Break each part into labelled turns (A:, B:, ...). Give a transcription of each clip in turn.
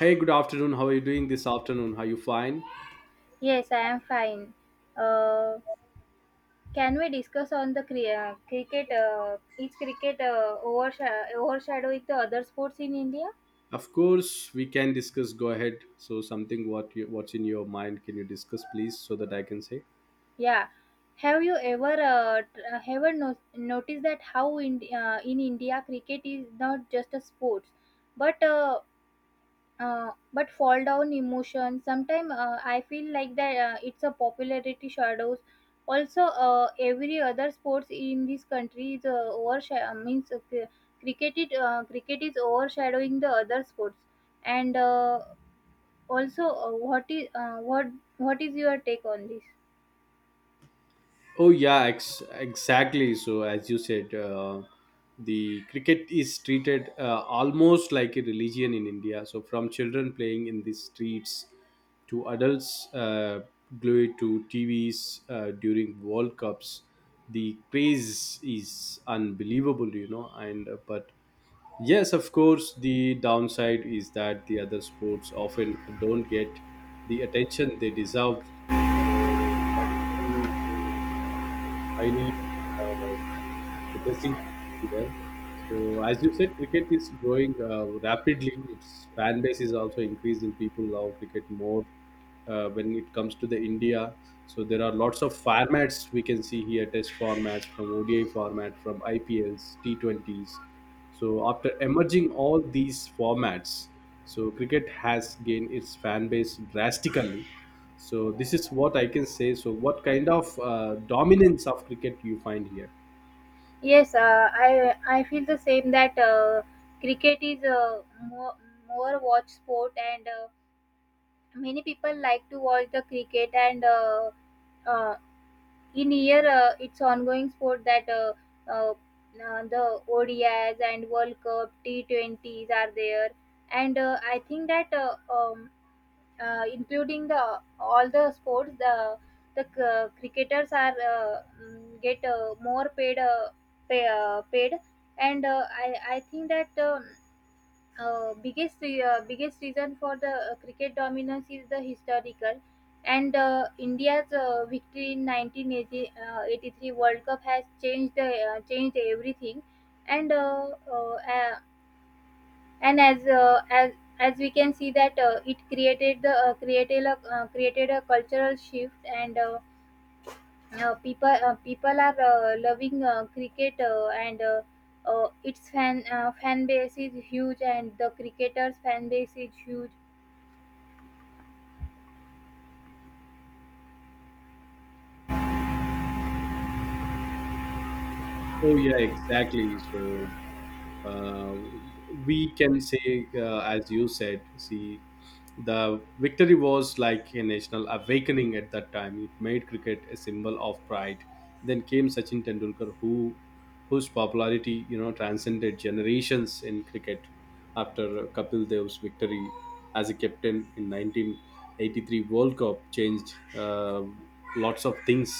A: Hey, good afternoon. How are you doing this afternoon? Are you fine?
B: Yes, I am fine. Uh, can we discuss on the cricket? Is cricket overshadowing the other sports in India?
A: Of course, we can discuss. Go ahead. So, something what you, what's in your mind? Can you discuss, please, so that I can say?
B: Yeah. Have you ever ever noticed that how in India cricket is not just a sport, but uh, but fall down emotion? Sometimes I feel like that it's a popularity shadows also every other sports in this country is overshadow, means cricket cricket is overshadowing the other sports, and also what is what is your take on this?
A: Exactly. So as you said, the cricket is treated almost like a religion in India. So from children playing in the streets to adults glued to TVs during World Cups, the craze is unbelievable, you know. And but yes, of course, the downside is that the other sports often don't get the attention they deserve. So that's the highly, uh, depressing here. So, as you said, cricket is growing rapidly. Its fan base is also increasing. People love cricket more when it comes to the India. So, there are lots of formats we can see here: Test formats, from ODI format, from IPLs, T20s. So, after emerging all these formats, so cricket has gained its fan base drastically. So, this is what I can say. So, what kind of dominance of cricket you find here?
B: Yes, I feel the same that cricket is more more watch sport, and many people like to watch the cricket, and uh, in year it's ongoing sport that uh, the ODIs and World Cup T20s are there, and I think that including the all the sports, the cricketers are get more paid, paid, and I think that. Biggest biggest reason for the cricket dominance is the historical, and India's victory in 1983 World Cup has changed the changed everything. And uh, uh, uh, and as uh, as as we can see that it created the created a created a cultural shift, and people are loving cricket, and its fan base is huge, and the cricketers fan base is huge.
A: Oh yeah, exactly. So uh, we can say, as you said, see, the victory was like a national awakening at that time. It made cricket a symbol of pride. Then came Sachin Tendulkar, whose popularity you know transcended generations in cricket. After Kapil Dev's victory as a captain in 1983 World Cup, changed lots of things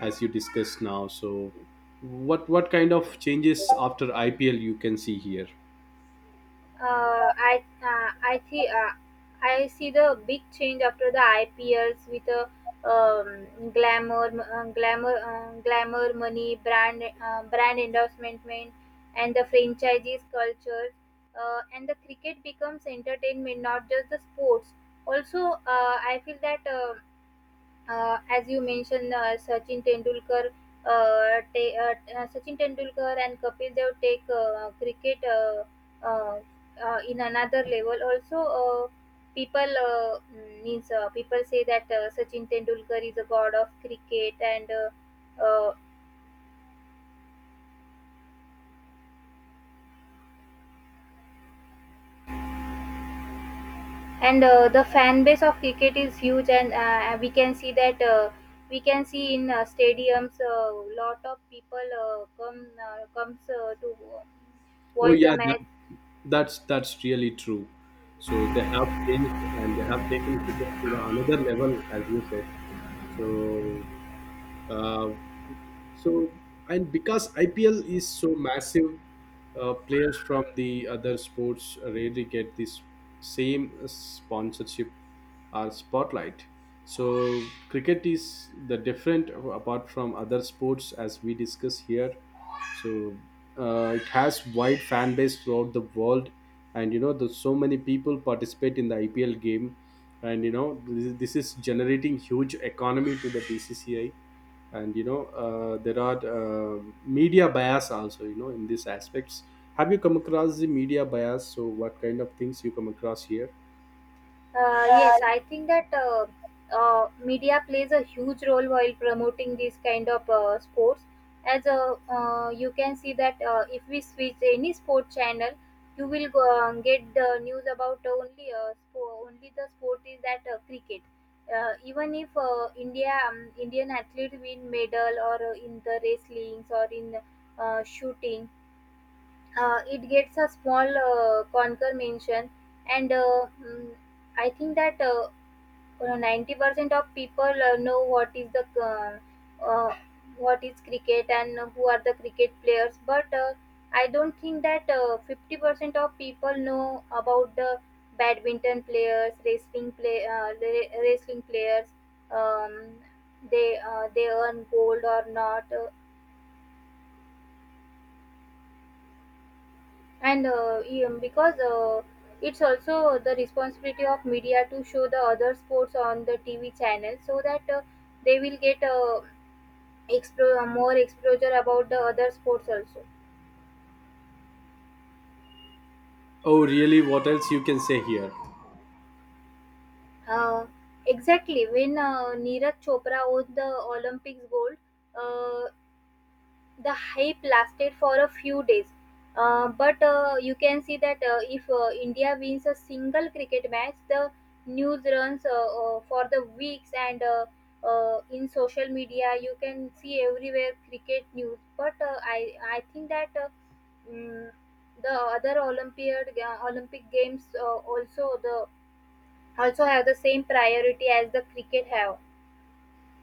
A: as you discussed now. So, what kind of changes after IPL you can see here?
B: Uh, I I see the big change after the IPLs with a um, glamour, glamour, money, brand endorsement, and the franchises culture, and the cricket becomes entertainment, not just the sports. Also, I feel that as you mentioned, Sachin Tendulkar, Sachin Tendulkar and Kapil Dev take cricket uh, in another level. Also, people mm, means people say that Sachin Tendulkar is a god of cricket, and the fan base of cricket is huge, and we can see that. We can see in stadiums a lot of people comes to
A: Oh
B: watch the
A: yeah, that,
B: match.
A: that's really true. So they have changed and they have taken cricket to the another level, as you said. So uh, So, and because IPL is so massive, players from the other sports rarely get this same sponsorship or spotlight. So, cricket is the different apart from other sports as we discuss here, so it has wide fan base throughout the world, and you know there's so many people participate in the IPL game, and you know this is generating huge economy to the BCCI. And you know there are media bias also, you know, in these aspects. Have you come across the media bias? So what kind of things you come across here?
B: Yes, I think that media plays a huge role while promoting these kind of sports. As you can see that if we switch any sport channel, you will go, get the news about only only the sport is that cricket. Even if India, Indian athlete win medal, or in the wrestlings or in shooting, it gets a small conquer mention. And I think that 90% of people know what is the uh, what is cricket and who are the cricket players, but I don't think that 50% of people know about the badminton players, wrestling play the wrestling players, um, they earn gold or not. Because it's also the responsibility of media to show the other sports on the TV channel, so that they will get more exposure about the other sports also.
A: Oh, really? What else you can say here?
B: uh, exactly, when Neeraj Chopra won the Olympics gold, uh, the hype lasted for a few days, but you can see that if India wins a single cricket match, the news runs for the weeks, and in social media you can see everywhere cricket news. But I think that. Mm, the other Olympiad, Olympic Games, also have the same priority as the cricket have.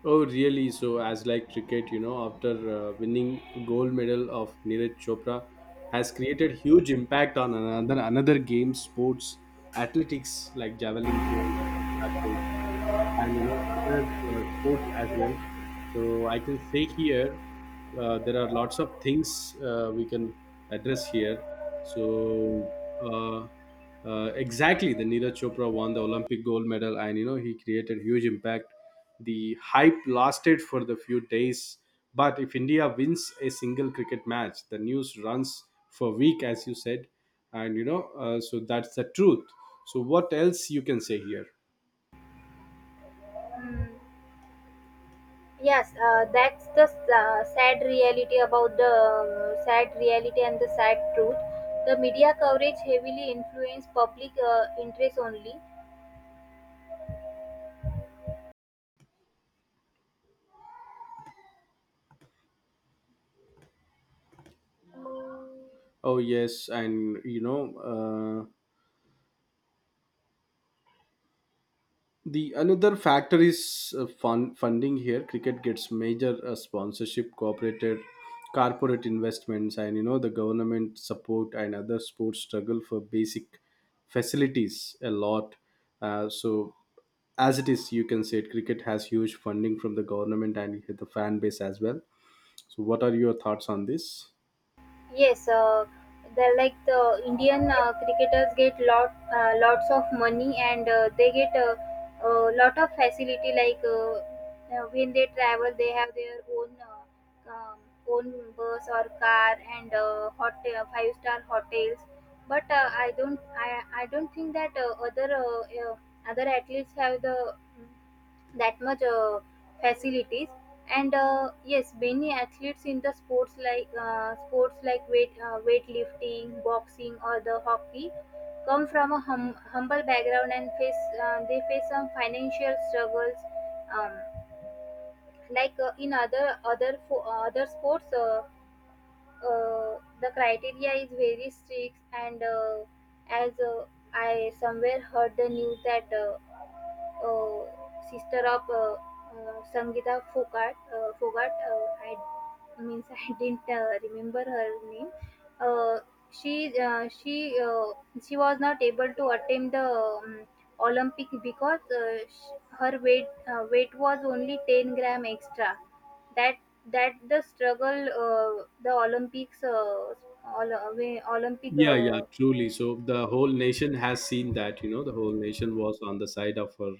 A: Oh, really? So, as like cricket, you know, after winning gold medal of Neeraj Chopra, has created huge impact on another game, sports, athletics like javelin throw, shot puts, and you know other sports as well. So I can say here, there are lots of things we can address here. So uh, exactly, the Neeraj Chopra won the Olympic gold medal, and you know he created huge impact. The hype lasted for the few days, but if India wins a single cricket match, the news runs for week, as you said, and you know, so that's the truth. So what else you can say here?
B: Mm. Yes, that's the sad reality about the sad reality and the sad truth. The media coverage heavily influenced public interest only.
A: Oh yes, and you know, uh, the another factor is funding here. Cricket gets major sponsorship, cooperated corporate investments, and you know the government support, and other sports struggle for basic facilities a lot. So, as it is, you can say it, cricket has huge funding from the government and the fan base as well. So what are your thoughts on this?
B: Yes, the like the Indian cricketers get lots of money, and they get a lot of facility. Like when they travel, they have their own own bus or car, and hotel, five-star hotels. But I don't think that other other athletes have the that much facilities. And yes, many athletes in the sports like weightlifting, boxing, or the hockey come from a humble background and face, they face some financial struggles. um, like in other other sports, the criteria is very strict, and as I somewhere heard the news that uh, sister of Sangeeta Fogart. Fogart, I means I didn't remember her name. Uh, she she was not able to attend the um, Olympic because her weight was only 10-gram extra. That that the struggle, the Olympics, all, Olympic,
A: Yeah, yeah, truly. So the whole nation has seen that, you know, the whole nation was on the side of her.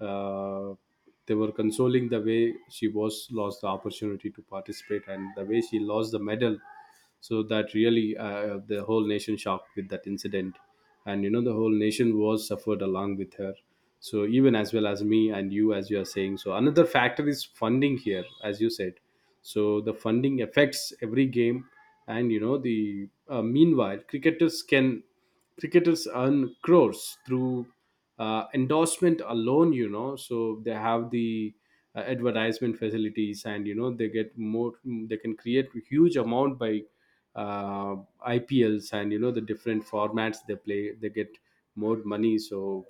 A: uh, they were consoling the way she was lost the opportunity to participate and the way she lost the medal, so that really the whole nation shocked with that incident. And you know the whole nation was suffered along with her. So even as well as me and you, as you are saying, so another factor is funding here, as you said. So the funding affects every game, and you know the, meanwhile cricketers earn crores through endorsement alone, you know. So they have the advertisement facilities, and you know they get more, they can create huge amount by uh, IPLs, and you know the different formats they play, they get more money. So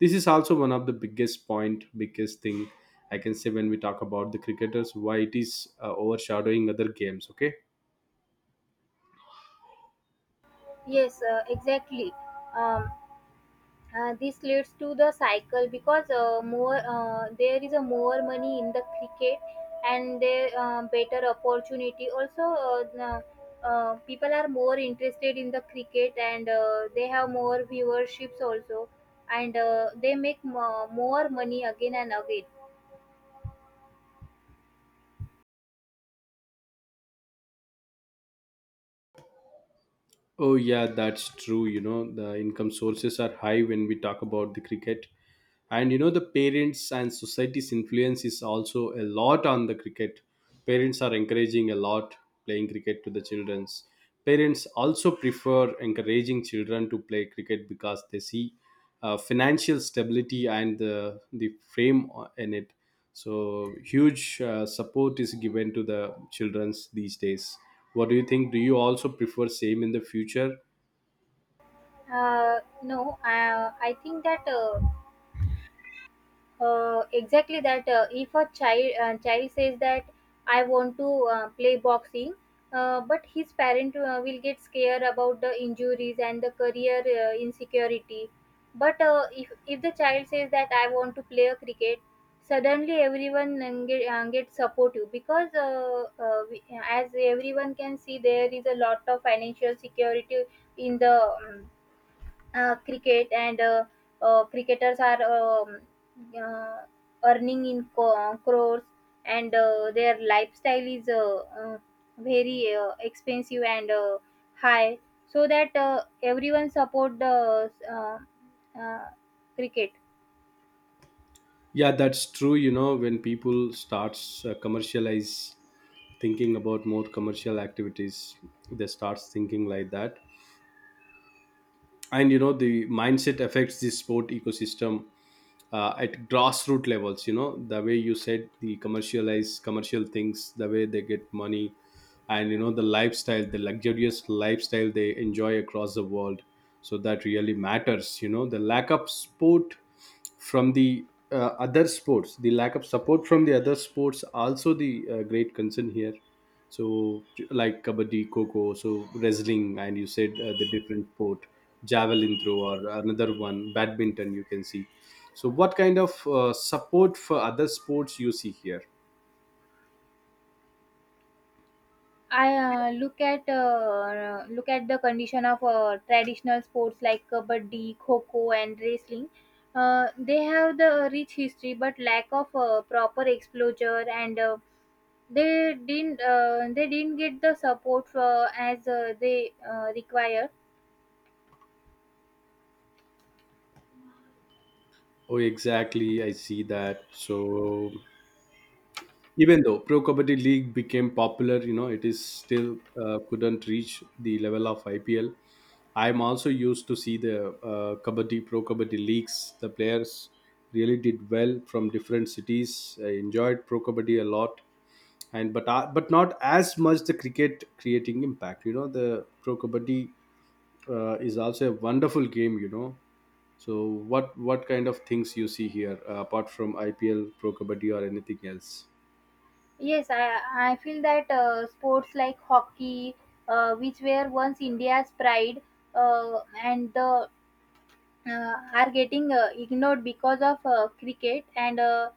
A: this is also one of the biggest point biggest thing I can say when we talk about the cricketers, why it is overshadowing other games. Okay.
B: yes, exactly. Um, this leads to the cycle because more there is a more money in the cricket, and there better opportunity, also people are more interested in the cricket, and they have more viewerships also, and they make more money again and again.
A: Oh yeah, that's true. You know, the income sources are high when we talk about the cricket, and you know the parents and society's influence is also a lot on the cricket. Parents are encouraging a lot playing cricket to the children's. Parents also prefer encouraging children to play cricket because they see financial stability and the frame o- in it. So huge support is given to the children's these days. What do you think? Do you also prefer same in the future?
B: No, I think that exactly that if a child says that I want to play boxing, but his parent will get scared about the injuries and the career insecurity. But if the child says that I want to play a cricket, suddenly everyone get supportive because we, as everyone can see, there is a lot of financial security in the cricket, and cricketers are uh, earning in crores, and their lifestyle is very expensive and high, so that everyone support the cricket.
A: Yeah, that's true. You know, when people starts commercialize, thinking about more commercial activities, they start thinking like that. And you know the mindset affects the sport ecosystem at grassroots levels. You know the way you said the commercial things, the way they get money, and you know the lifestyle, the luxurious lifestyle they enjoy across the world. So that really matters. You know the lack of sport from the other sports, the lack of support from the other sports also, the great concern here. So like kabaddi, coco, so wrestling, and you said the different sport, javelin throw or another one, badminton, you can see. So, what kind of support for other sports you see here?
B: I look at the condition of traditional sports like kabaddi, kho and wrestling. They have the rich history but lack of proper exposure, and they didn't get the support as they require.
A: Oh, exactly. I see that. So, even though Pro Kabaddi League became popular, you know, it is still couldn't reach the level of IPL. I'm also used to see the Kabaddi Pro Kabaddi leagues. The players really did well from different cities. I enjoyed Pro Kabaddi a lot, and but not as much the cricket creating impact. You know, the Pro Kabaddi is also a wonderful game, you know. So what kind of things you see here apart from IPL, Pro Kabaddi, or anything else?
B: Yes, I feel that sports like hockey, which were once India's pride, and the uh, are getting ignored because of cricket, and uh,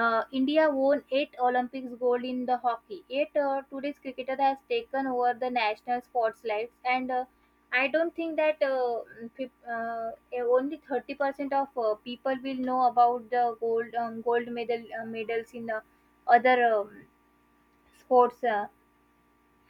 B: uh, India won 8 Olympics gold in the hockey, yet today's cricketer has taken over the national spotlight, and I don't think that only 30% of people will know about the gold, gold medals in other sports.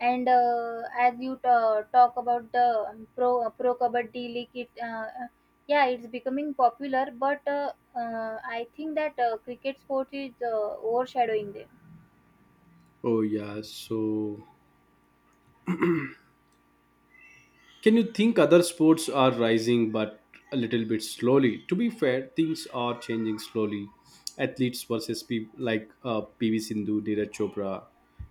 B: And As you talk about the Pro Kabaddi League, it yeah, it's becoming popular, but I think that cricket sport is overshadowing them.
A: Oh yeah, so can you think other sports are rising but a little bit slowly? To be fair, things are changing slowly. Athletes versus people like PV Sindhu, Neeraj Chopra,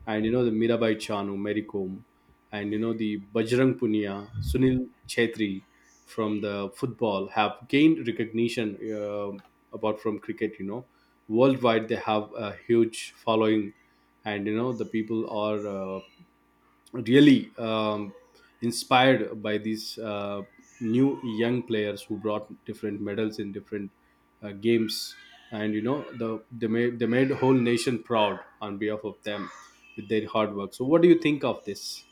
A: and you know the Mirabai Chanu, Mary Kom, and you know the Bajrang Punia, Sunil Chetri from the football have gained recognition apart from cricket. You know, worldwide they have a huge following, and you know the people are, really inspired by these new young players who brought different medals in different games. And you know the they made whole nation proud on behalf of them with their hard work. So what do you think of this?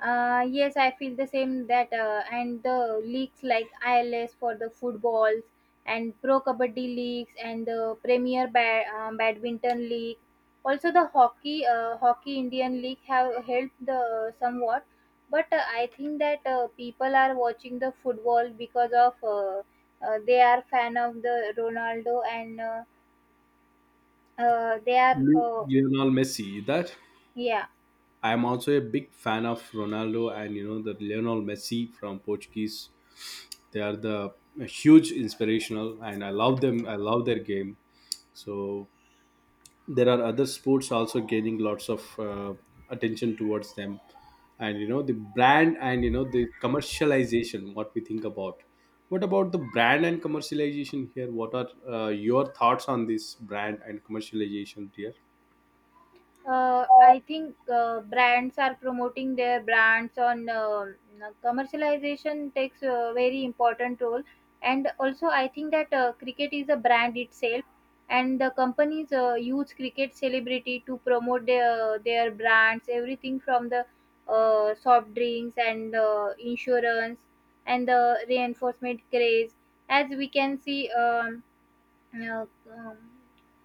B: Yes, I feel the same that and the leagues like ILS for the footballs and Pro Kabaddi Leagues and the Badminton League. Also, the hockey Indian League have helped the somewhat, but I think that people are watching the football because of they are fan of the Ronaldo, and they are
A: Le- Lionel Messi, that
B: yeah.
A: I am also a big fan of Ronaldo, and you know the Lionel Messi from Portuguese. They are the huge inspirational, and I love them, I love their game. So there are other sports also gaining lots of attention towards them. And you know the brand, and you know the commercialization, what we think about, what about the brand and commercialization here? What are your thoughts on this brand and commercialization here?
B: I think brands are promoting their brands on commercialization takes a very important role, and also I think that cricket is a brand itself, and the companies use cricket celebrity to promote their brands, everything from the soft drinks and insurance, and the reinforcement craze, as we can see. Uh, um,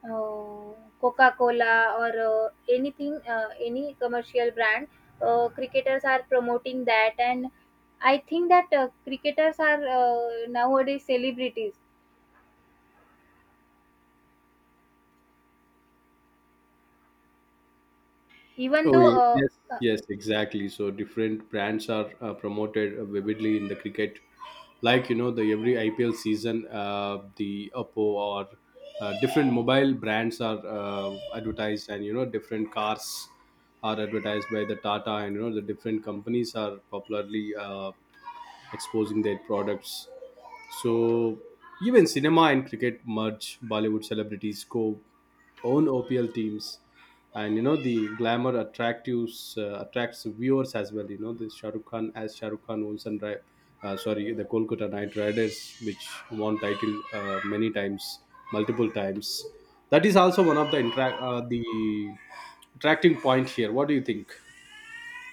B: uh, Coca-Cola or anything, any commercial brand, cricketers are promoting that. And I think that cricketers are nowadays celebrities, even
A: Oh,
B: though
A: ye- yes, yes, exactly. So different brands are promoted vividly in the cricket. Like, you know, the every IPL season, the Oppo or different mobile brands are advertised, and, you know, different cars are advertised by the Tata, and, you know, the different companies are popularly exposing their products. So even cinema and cricket merge. Bollywood celebrities co own OPL teams, and you know the glamour attractives attracts viewers as well. You know the Shah Rukh Khan owns and ri- sorry the Kolkata Knight Riders, which won title many times, multiple times. That is also one of the interact the attracting point here. What do you think?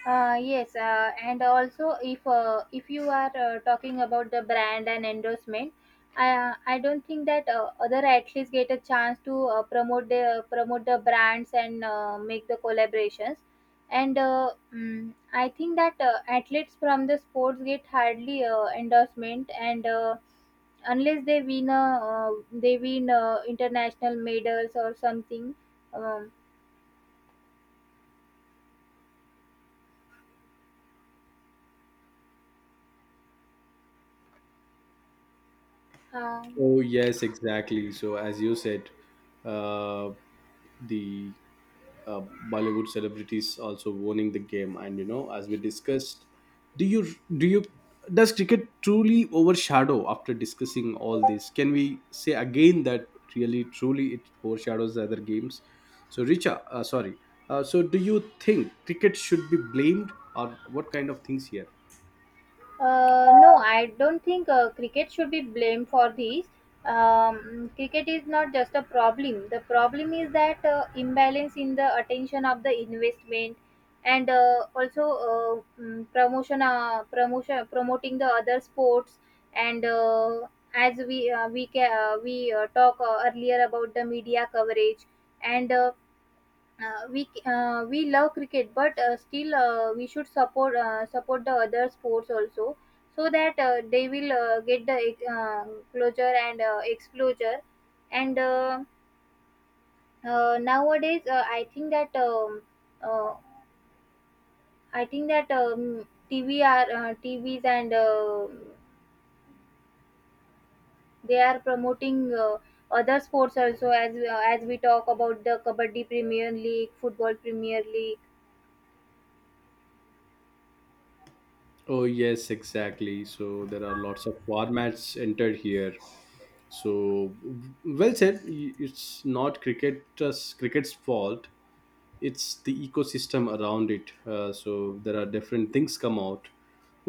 B: Yes, and also if you are talking about the brand and endorsement, I don't think that other athletes get a chance to promote the brands and make the collaborations, and I think that athletes from the sports get hardly endorsement, and unless they win a, they win international medals or something. Um, uh,
A: Oh yes, exactly. So as you said, uh, the uh, Bollywood celebrities also owning the game. And you know, as we discussed, do you do you does cricket truly overshadow after discussing all this? Can we say again that really truly it overshadows the other games? So, Richa, sorry. So, do you think cricket should be blamed, or what kind of things here?
B: No, I don't think cricket should be blamed for these. Cricket is not just a problem. The problem is that imbalance in the attention of the investment, and also promotion, promoting the other sports. And As we talk earlier about the media coverage and we love cricket but still we should support the other sports also so that they will get the uh, closure and exposure and nowadays uh, I think that tv are TVs and they are promoting other sports also, as we talk about the Kabaddi Premier League, Football Premier League.
A: Oh, yes, exactly. So there are lots of formats entered here. So w- well said. Y- It's not cricket's fault. It's the ecosystem around it. So there are different things come out.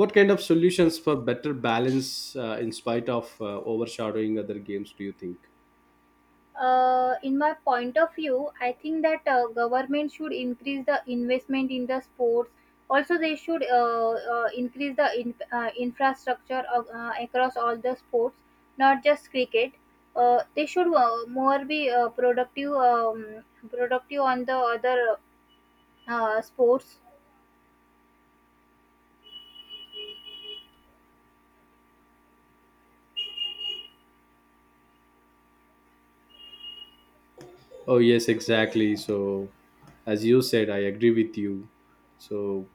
A: What kind of solutions for better balance in spite of overshadowing other games, do you think?
B: In my point of view, I think that government should increase the investment in the sports. Also, they should increase the infrastructure of, across all the sports, not just cricket. They should more be productive, productive on the other sports.
A: Oh, yes, exactly. So as you said, I agree with you. So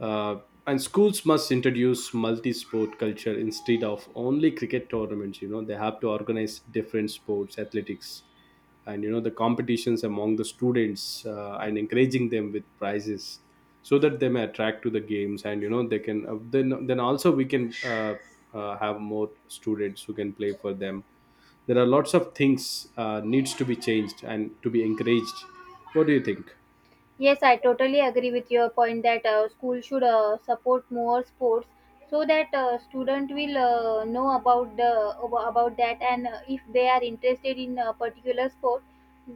A: uh, and schools must introduce multi-sport culture instead of only cricket tournaments. You know, they have to organize different sports, athletics, and you know, the competitions among the students, and encouraging them with prizes, so that they may attract to the games. And you know, they can, then also we can, have more students who can play for them. There are lots of things needs to be changed and to be encouraged. What do you think?
B: Yes, I totally agree with your point that school should support more sports so that student will know about the about that, and if they are interested in a particular sport,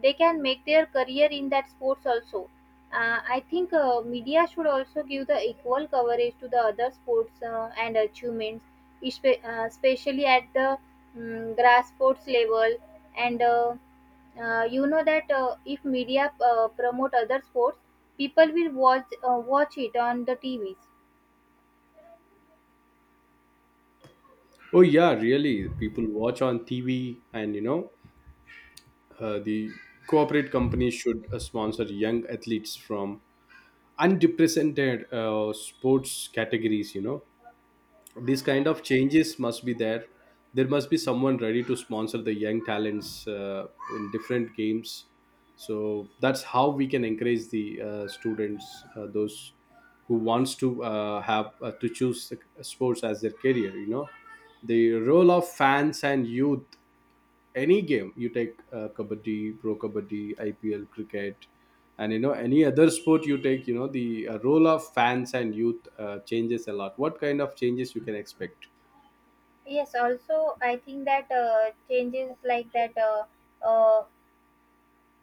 B: they can make their career in that sports also. I think media should also give the equal coverage to the other sports and achievements, especially at the grassroots level and. You know that if media promote other sports, people will watch it on the TVs.
A: Oh yeah, really, people watch on TV. And you know, the corporate companies should sponsor young athletes from unrepresented sports categories, you know. These kind of changes must be there. There must be someone ready to sponsor the young talents, in different games. So that's how we can encourage the students, those who wants to have to choose the sports as their career, you know. The role of fans and youth. Any game you take, kabaddi, pro kabaddi, IPL, cricket, and you know, any other sport you take, you know, the role of fans and youth changes a lot. What kind of changes you can expect?
B: Yes, also I think that changes like that uh,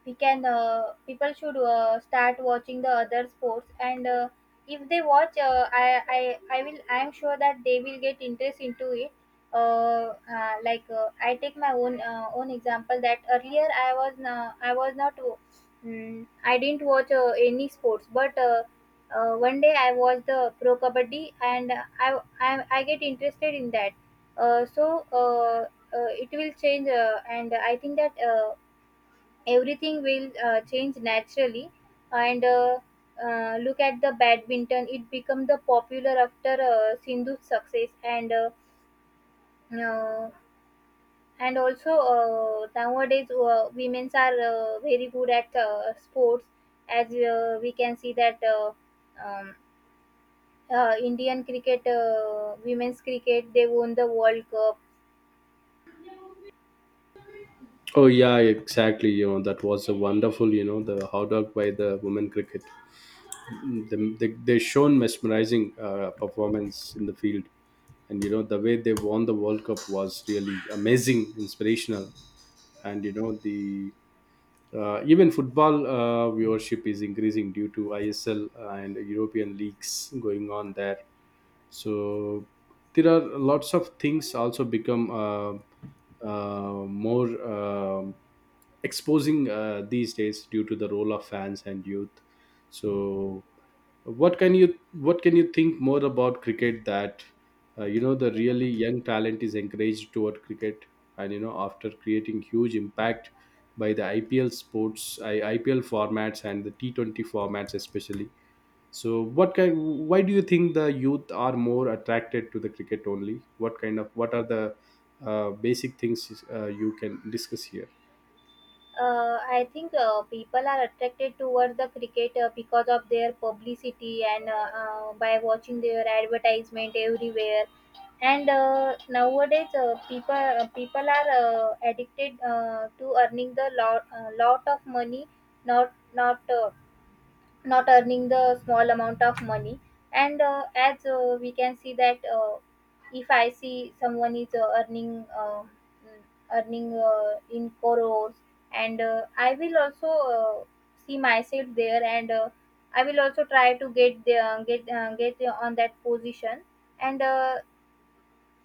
B: we can people should start watching the other sports, and if they watch, I am sure that they will get interest into it. I take my own own example that earlier I was I was not I didn't watch any sports, but one day I watched the Pro Kabaddi and I get interested in that. uh, so uh, it will change, and I think that everything will change naturally. And Look at the badminton, it become the popular after Sindhu's success, uh, and also nowadays women are very good at sports, as we can see that um, Indian cricket, women's cricket, they won the World Cup.
A: Oh yeah, exactly. You know, that was a wonderful, you know, the hot dog by the women cricket. They shown mesmerizing performance in the field. And you know, the way they won the world cup was really amazing, inspirational. And you know, the even football viewership is increasing due to ISL and European leagues going on there. So there are lots of things also become, more exposing these days due to the role of fans and youth. Mm. So what can you think more about cricket, that you know, the really young talent is encouraged toward cricket. And you know, after creating huge impact by the IPL sports, IPL formats and the T20 formats especially. So what kind, why do you think the youth are more attracted to the cricket only? What kind of, what are the basic things you can discuss here?
B: I think people are attracted towards the cricket because of their publicity and by watching their advertisement everywhere. And nowadays, people are addicted to earning the lot of money, not not uh, not earning the small amount of money. And as we can see that if I see someone is earning mm, earning in crores, and I will also uh, see myself there, and I will also try to get the, get on that position. And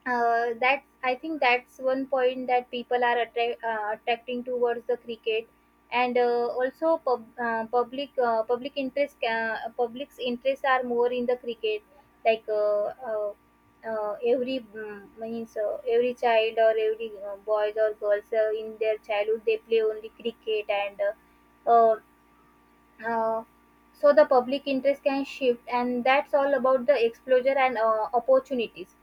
B: That's, I think that's one point that people are attracting towards the cricket, and also public interest, public's interests are more in the cricket, like uh, uh, every mm, means every child, or every boys or girls in their childhood, they play only cricket and. Uh, uh, so the public interest can shift, and that's all about the exposure and opportunities.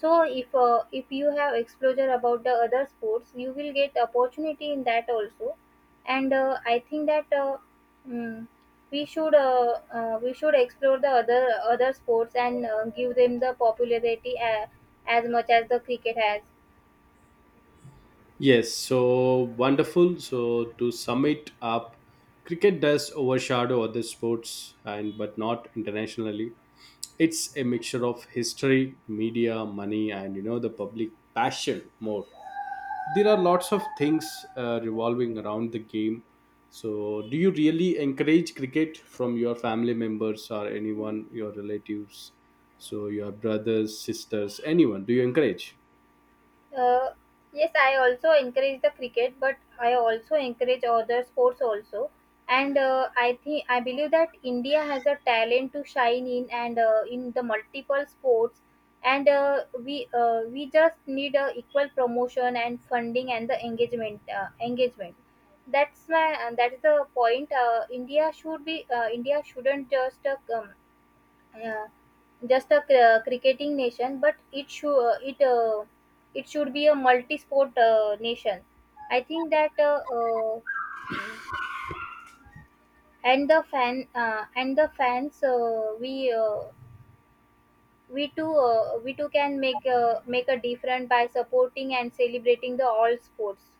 B: So if you have exposure about the other sports, you will get opportunity in that also. And I think that mm, we should explore the other other sports and give them the popularity as much as the cricket has.
A: Yes, so wonderful. So to sum it up, cricket does overshadow other sports and but not internationally. It's a mixture of history, media, money, and you know, the public passion more. There are lots of things revolving around the game. So do you really encourage cricket from your family members or anyone, your relatives? So your brothers, sisters, anyone, do you encourage?
B: Uh, yes, I also encourage the cricket, but I also encourage other sports also. And I think I believe that India has a talent to shine in and in the multiple sports. And we just need equal promotion and funding and the engagement. That's my, and that is the point. India should be India shouldn't just yeah, just a cricketing nation, but it should it should be a multi-sport nation. I think that mm, and the fans, we too can make a difference by supporting and celebrating the all sports.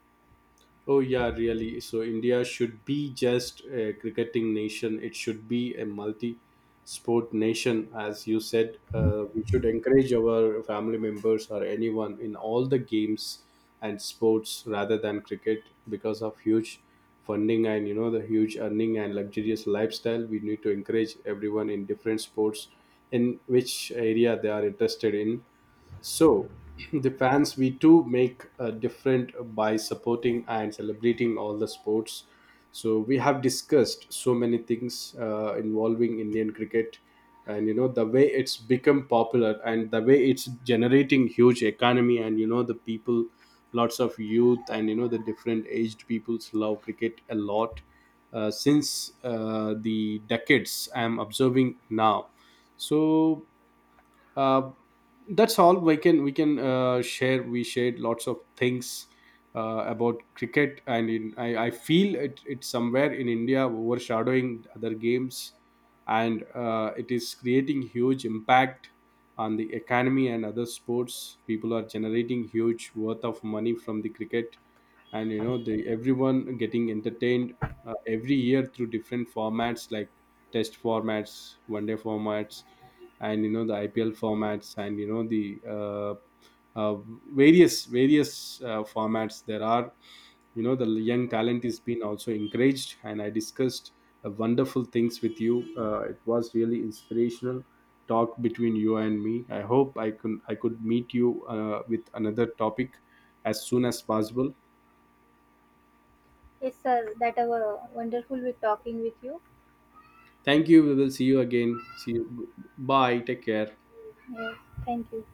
A: Oh yeah, really. So India should be just a cricketing nation. It should be a multi-sport nation, as you said. We should encourage our family members or anyone in all the games and sports rather than cricket, because of huge funding and you know, the huge earning and luxurious lifestyle. We need to encourage everyone in different sports in which area they are interested in. So, the fans, we too make a different by supporting and celebrating all the sports. So, we have discussed so many things involving Indian cricket, and you know, the way it's become popular and the way it's generating huge economy. And you know, the people, lots of youth, and you know, the different aged peoples love cricket a lot. Since the decades I'm observing now. So uh, that's all. We shared lots of things about cricket. And in I feel it's somewhere in India overshadowing other games. And it is creating huge impact on the economy and other sports. People are generating huge worth of money from the cricket. And you know, the everyone getting entertained every year through different formats like test formats, one day formats, and you know, the IPL formats, and you know, the uh, various formats there are. You know, the young talent is being also encouraged. And I discussed wonderful things with you. It was really inspirational talk between you and me. I hope I could meet you with another topic as soon as possible.
B: Yes sir, that was wonderful with talking with you.
A: Thank you. We will see you again. See you. Bye. Take care.
B: Yes, thank you.